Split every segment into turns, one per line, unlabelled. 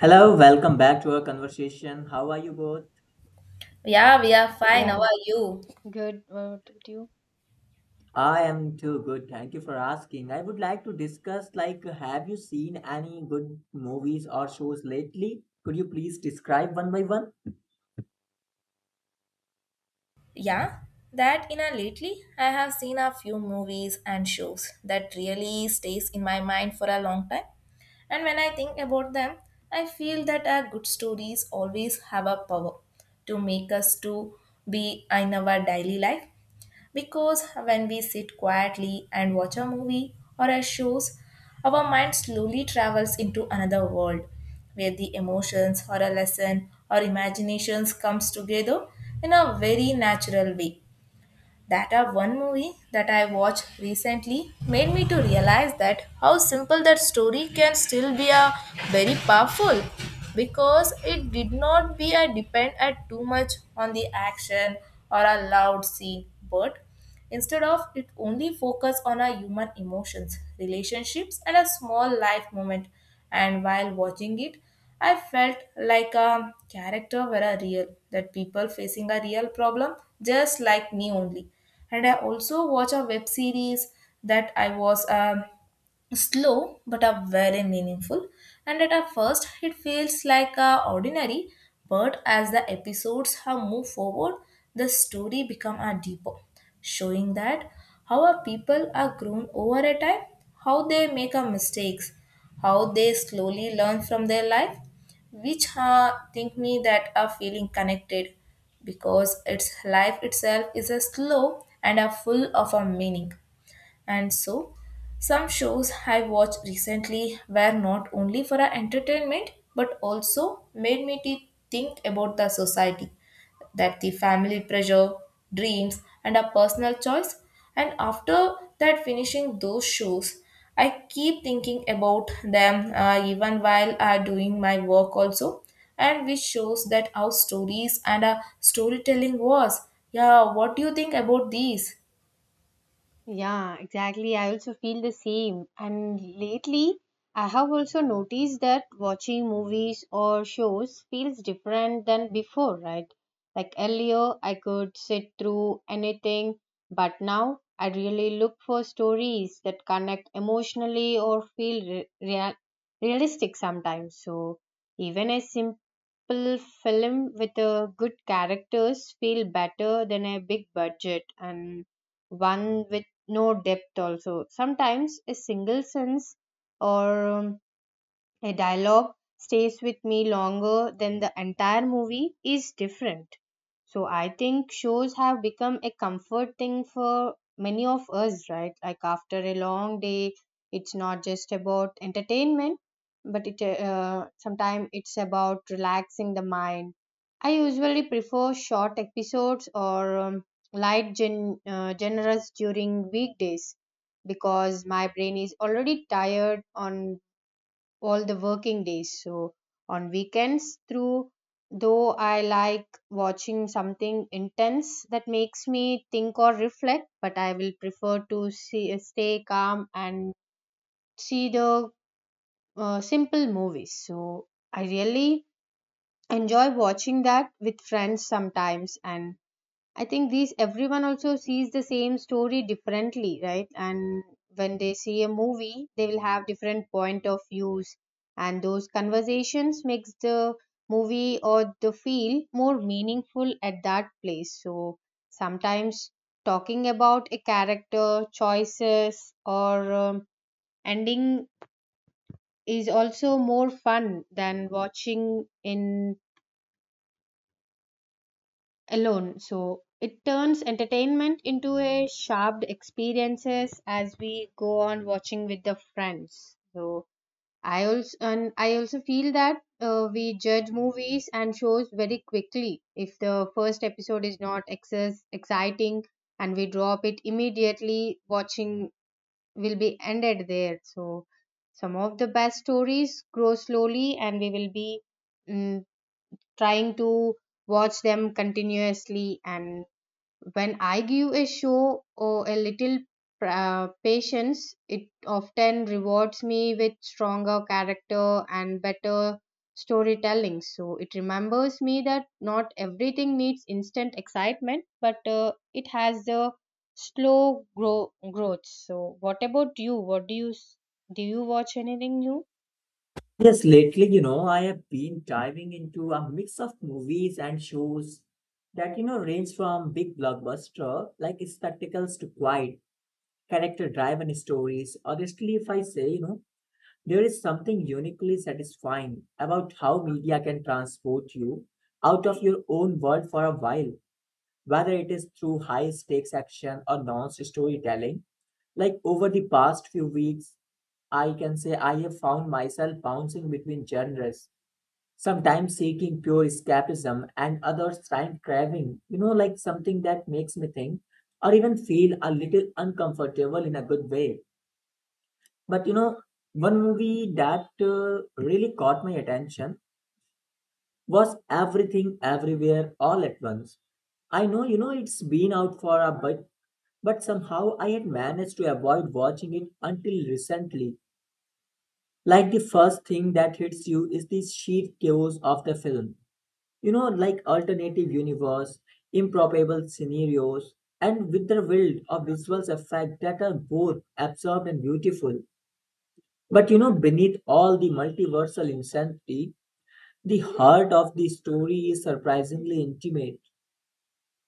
Hello, welcome back to our conversation. How are you both?
Yeah, we are fine. How
Yeah,
are you?
good. What about you?
I am too good. Thank you for asking. I would like to discuss, like, have you seen any good movies or shows lately? Could you please describe one by one?
Yeah, that you know lately I have seen a few movies and shows that really stays in my mind for a long time. And when I think about them, I feel that our good stories always have a power to make us to be in our daily life. Because when we sit quietly and watch a movie or a shows, our mind slowly travels into another world where the emotions or a lesson or imaginations comes together in a very natural way. That a one movie that I watched recently made me to realize that how simple that story can still be a very powerful because it did not be a depend at too much on the action or a loud scene but instead of it only focus on our human emotions, relationships and a small life moment. And while watching it, I felt like a character were a real, that people facing a real problem just like me only. And I also watch a web series that I was slow but are very meaningful and at a first it feels like a ordinary but as the episodes have moved forward the story become a deeper showing that how our people are grown over a time, how they make a mistakes, how they slowly learn from their life, which think me that are feeling connected because its life itself is a slow and a full of a meaning. And so, some shows I watched recently were not only for our entertainment but also made me think about the society, that the family pressure, dreams, and our personal choice. And after that, finishing those shows, I keep thinking about them even while I doing my work also, and which shows that our stories and our storytelling was. Yeah, what do you think about these?
Yeah, exactly. I also feel the same. And lately, I have also noticed that watching movies or shows feels different than before, right? Like earlier, I could sit through anything, but now I really look for stories that connect emotionally or feel realistic sometimes. So, even a simple film with a good characters feel better than a big budget and one with no depth also sometimes a single sense or a dialogue stays with me longer than the entire movie is different. So I think shows have become a comfort thing for many of us, right? Like after a long day, it's not just about entertainment, but it sometimes it's about relaxing the mind. I usually prefer short episodes or light generous during weekdays because my brain is already tired on all the working days. So on weekends through though I like watching something intense that makes me think or reflect, but I will prefer to see stay calm and see the simple movies. So I really enjoy watching that with friends sometimes and I think these everyone also sees the same story differently, right? And when they see a movie, they will have different point of views, and those conversations makes the movie or the feel more meaningful at that place. So sometimes talking about a character choices or ending is also more fun than watching in alone. So it turns entertainment into a sharp experiences as we go on watching with the friends. So I also feel that we judge movies and shows very quickly. If the first episode is not excess exciting and we drop it immediately, watching will be ended there. So some of the best stories grow slowly, and we will be mm, trying to watch them continuously and when I give a show or a little patience, it often rewards me with stronger character and better storytelling. So it remembers me that not everything needs instant excitement, but it has the slow growth. So what about you? What do you s- do? You watch anything new?
Yes, lately, you know, I have been diving into a mix of movies and shows that, you know, range from big blockbuster like spectacles to quiet character driven stories. Honestly, if I say, you know, there is something uniquely satisfying about how media can transport you out of your own world for a while, whether it is through high stakes action or non storytelling. Like over the past few weeks, I can say I have found myself bouncing between genres, sometimes seeking pure escapism and others time craving, you know, like something that makes me think or even feel a little uncomfortable in a good way. But you know, one movie that really caught my attention was Everything Everywhere All at Once. I know, you know, it's been out for a bit, but somehow I had managed to avoid watching it until recently. Like the first thing that hits you is the sheer chaos of the film. You know, like alternative universe, improbable scenarios, and with the world of visual effects that are both absurd and beautiful. But you know, beneath all the multiversal insanity, the heart of the story is surprisingly intimate.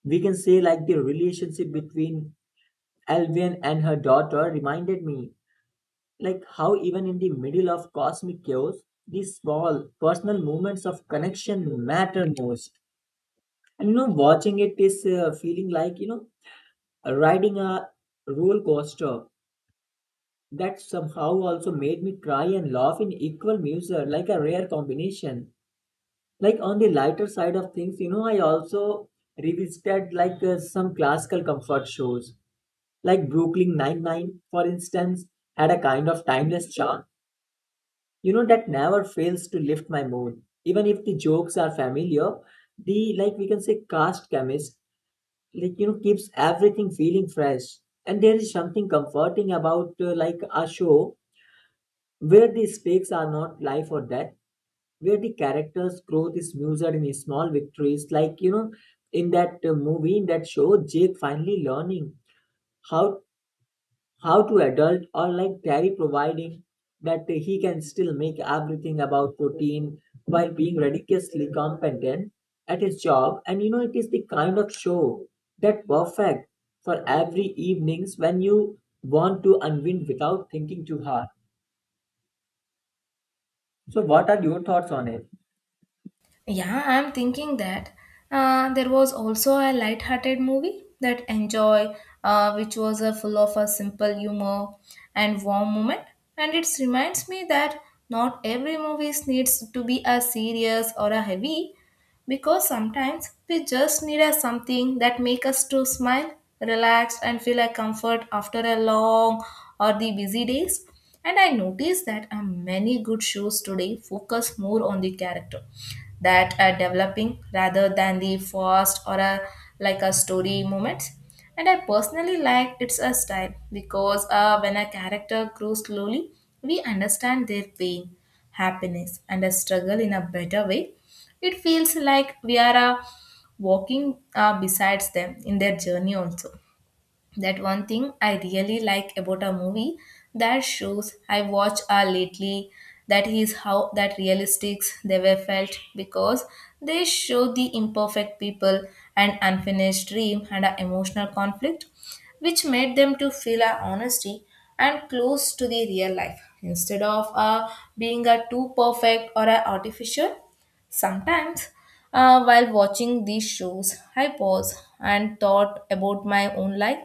We can say, like, the relationship between Alvian and her daughter reminded me, like, how even in the middle of cosmic chaos, these small personal moments of connection matter most. And you know, watching it is feeling like, you know, riding a roller coaster that somehow also made me cry and laugh in equal measure, like a rare combination. Like on the lighter side of things, you know, I also revisited, like, some classical comfort shows like brooklyn Nine Nine, for instance, had a kind of timeless charm, you know, that never fails to lift my mood even if the jokes are familiar. The, like, we can say, cast chemist, like, you know, keeps everything feeling fresh. And there is something comforting about, like, a show where the stakes are not life or death, where the character's growth is measured in small victories, like, you know, in that movie, in that show, jake finally learning how how to adult, or like terry providing that he can still make everything about protein while being ridiculously competent at his job. And you know, it is the kind of show that perfect for every evenings when you want to unwind without thinking too hard. So what are your thoughts on it?
Yeah, I'm thinking that there was also a light-hearted movie that Enjoy, which was full of a simple humor and warm moment. And it reminds me that not every movie needs to be a serious or a heavy, because sometimes we just need a something that make us to smile, relax, and feel a comfort after a long or the busy days. And I noticed that many good shows today focus more on the character that are developing rather than the fast or a like a story moments. And I personally like it's a style because when a character grows slowly, we understand their pain, happiness, and a struggle in a better way. It feels like we are walking besides them in their journey also, that one thing I really like about a movie that shows I watch are lately, that is how that realistics they were felt because they show the imperfect people and unfinished dream and a emotional conflict which made them to feel a honesty and close to the real life instead of being a too perfect or a artificial. Sometimes, while watching these shows, I pause and thought about my own life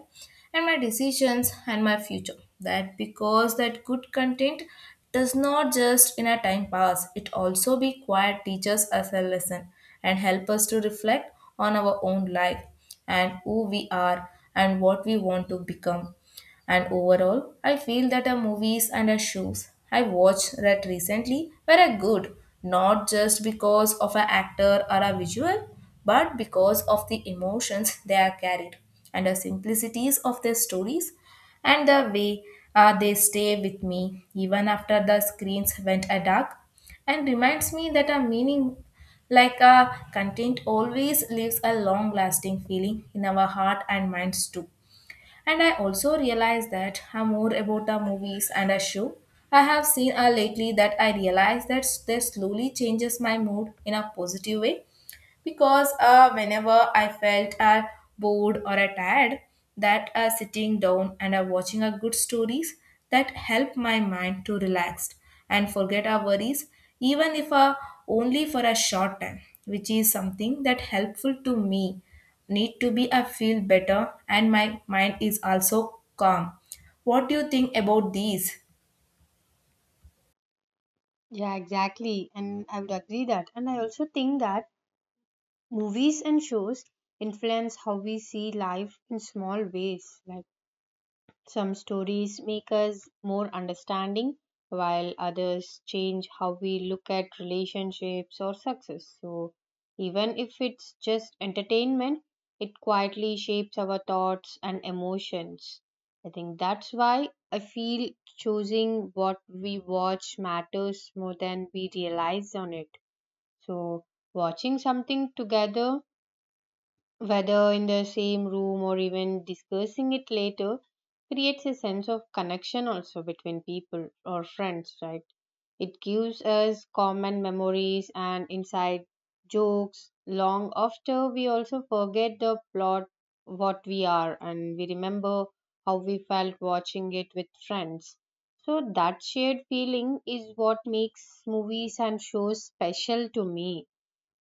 and my decisions and my future. That because that good content does not just in a time pass, it also be quiet teaches us a lesson and help us to reflect on our own life and who we are and what we want to become. And overall, I feel that the movies and the shows I watched that recently were a good, not just because of an actor or a visual, but because of the emotions they are carried and the simplicities of their stories and the way they stay with me even after the screens went a dark and reminds me that a meaning like a content always leaves a long lasting feeling in our heart and minds too. And I also realize that I'm more about the movies and a show I have seen lately, that I realize that they slowly changes my mood in a positive way because whenever I felt bored or tired, that sitting down and watching a good stories that help my mind to relax and forget our worries, even if only for a short time, which is something that helpful to me. Need to be I feel better and my mind is also calm. What do you think about these?
Yeah, exactly. And I would agree that. And I also think that movies and shows influence how we see life in small ways. Like some stories make us more understanding, while others change how we look at relationships or success. So, even if it's just entertainment, it quietly shapes our thoughts and emotions. I think that's why I feel choosing what we watch matters more than we realize on it. So, watching something together whether in the same room or even discussing it later, creates a sense of connection also between people or friends, right? It gives us common memories and inside jokes long after we also forget the plot what we are and we remember how we felt watching it with friends. So that shared feeling is what makes movies and shows special to me.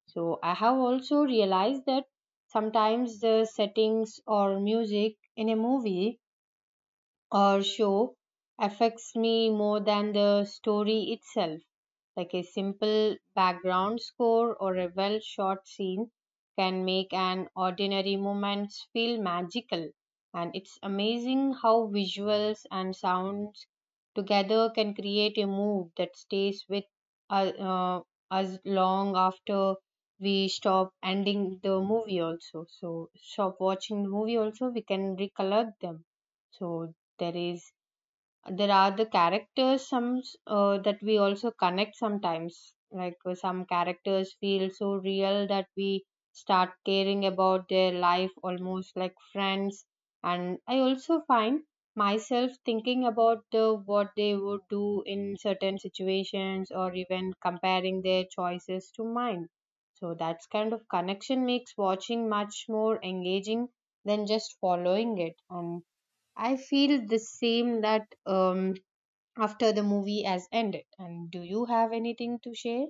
So I have also realized that sometimes the settings or music in a movie or show affects me more than the story itself. Like a simple background score or a well shot scene can make an ordinary moment feel magical. And it's amazing how visuals and sounds together can create a mood that stays with uh, uh, us long after we stop ending the movie also so stop watching the movie also we can recollect them. So there is there are the characters that we also connect sometimes like some characters feel so real that we start caring about their life almost like friends and I also find myself thinking about the, what they would do in certain situations or even comparing their choices to mine. So that's kind of connection makes watching much more engaging than just following it. And I feel the same that after the movie has ended. And do you have anything to share?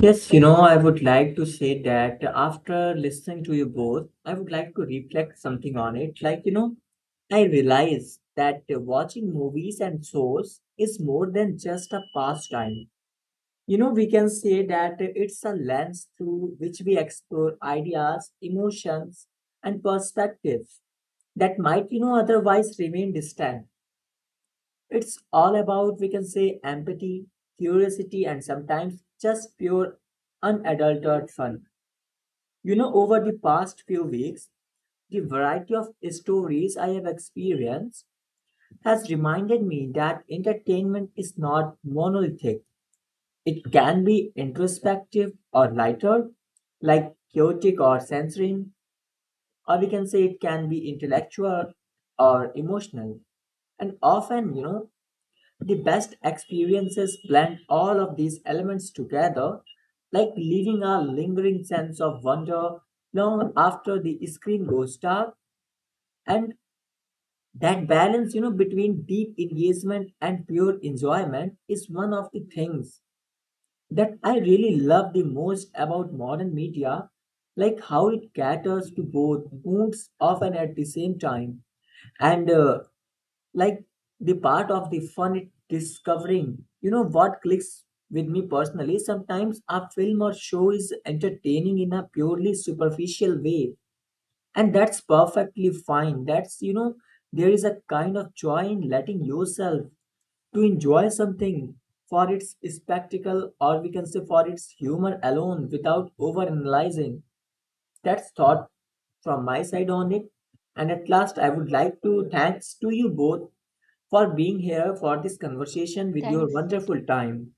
Yes, you know, I would like to say that after listening to you both, I would like to reflect something on it. Like, you know, I realize that watching movies and shows is more than just a pastime. You know, we can say that it's a lens through which we explore ideas, emotions, and perspectives that might, you know, otherwise remain distant. It's all about, we can say, empathy, curiosity, and sometimes just pure unadulterated fun. You know, over the past few weeks, the variety of stories I have experienced has reminded me that entertainment is not monolithic. It can be introspective or lighter, like chaotic or censoring, or we can say it can be intellectual or emotional. And often, you know, the best experiences blend all of these elements together, like leaving a lingering sense of wonder long after the screen goes dark. And that balance, you know, between deep engagement and pure enjoyment is one of the things that I really love the most about modern media, like how it caters to both moods often at the same time. And like, the part of the fun it discovering, you know, what clicks with me personally. Sometimes a film or show is entertaining in a purely superficial way, and that's perfectly fine. That's, you know, there is a kind of joy in letting yourself to enjoy something for its spectacle, or we can say for its humor alone, without overanalyzing. That's thought from my side on it. And at last, I would like to thanks to you both for being here for this conversation with your
Thanks.
wonderful time.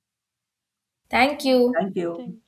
Thank
Yeah,
you.
Thank you.
thanks.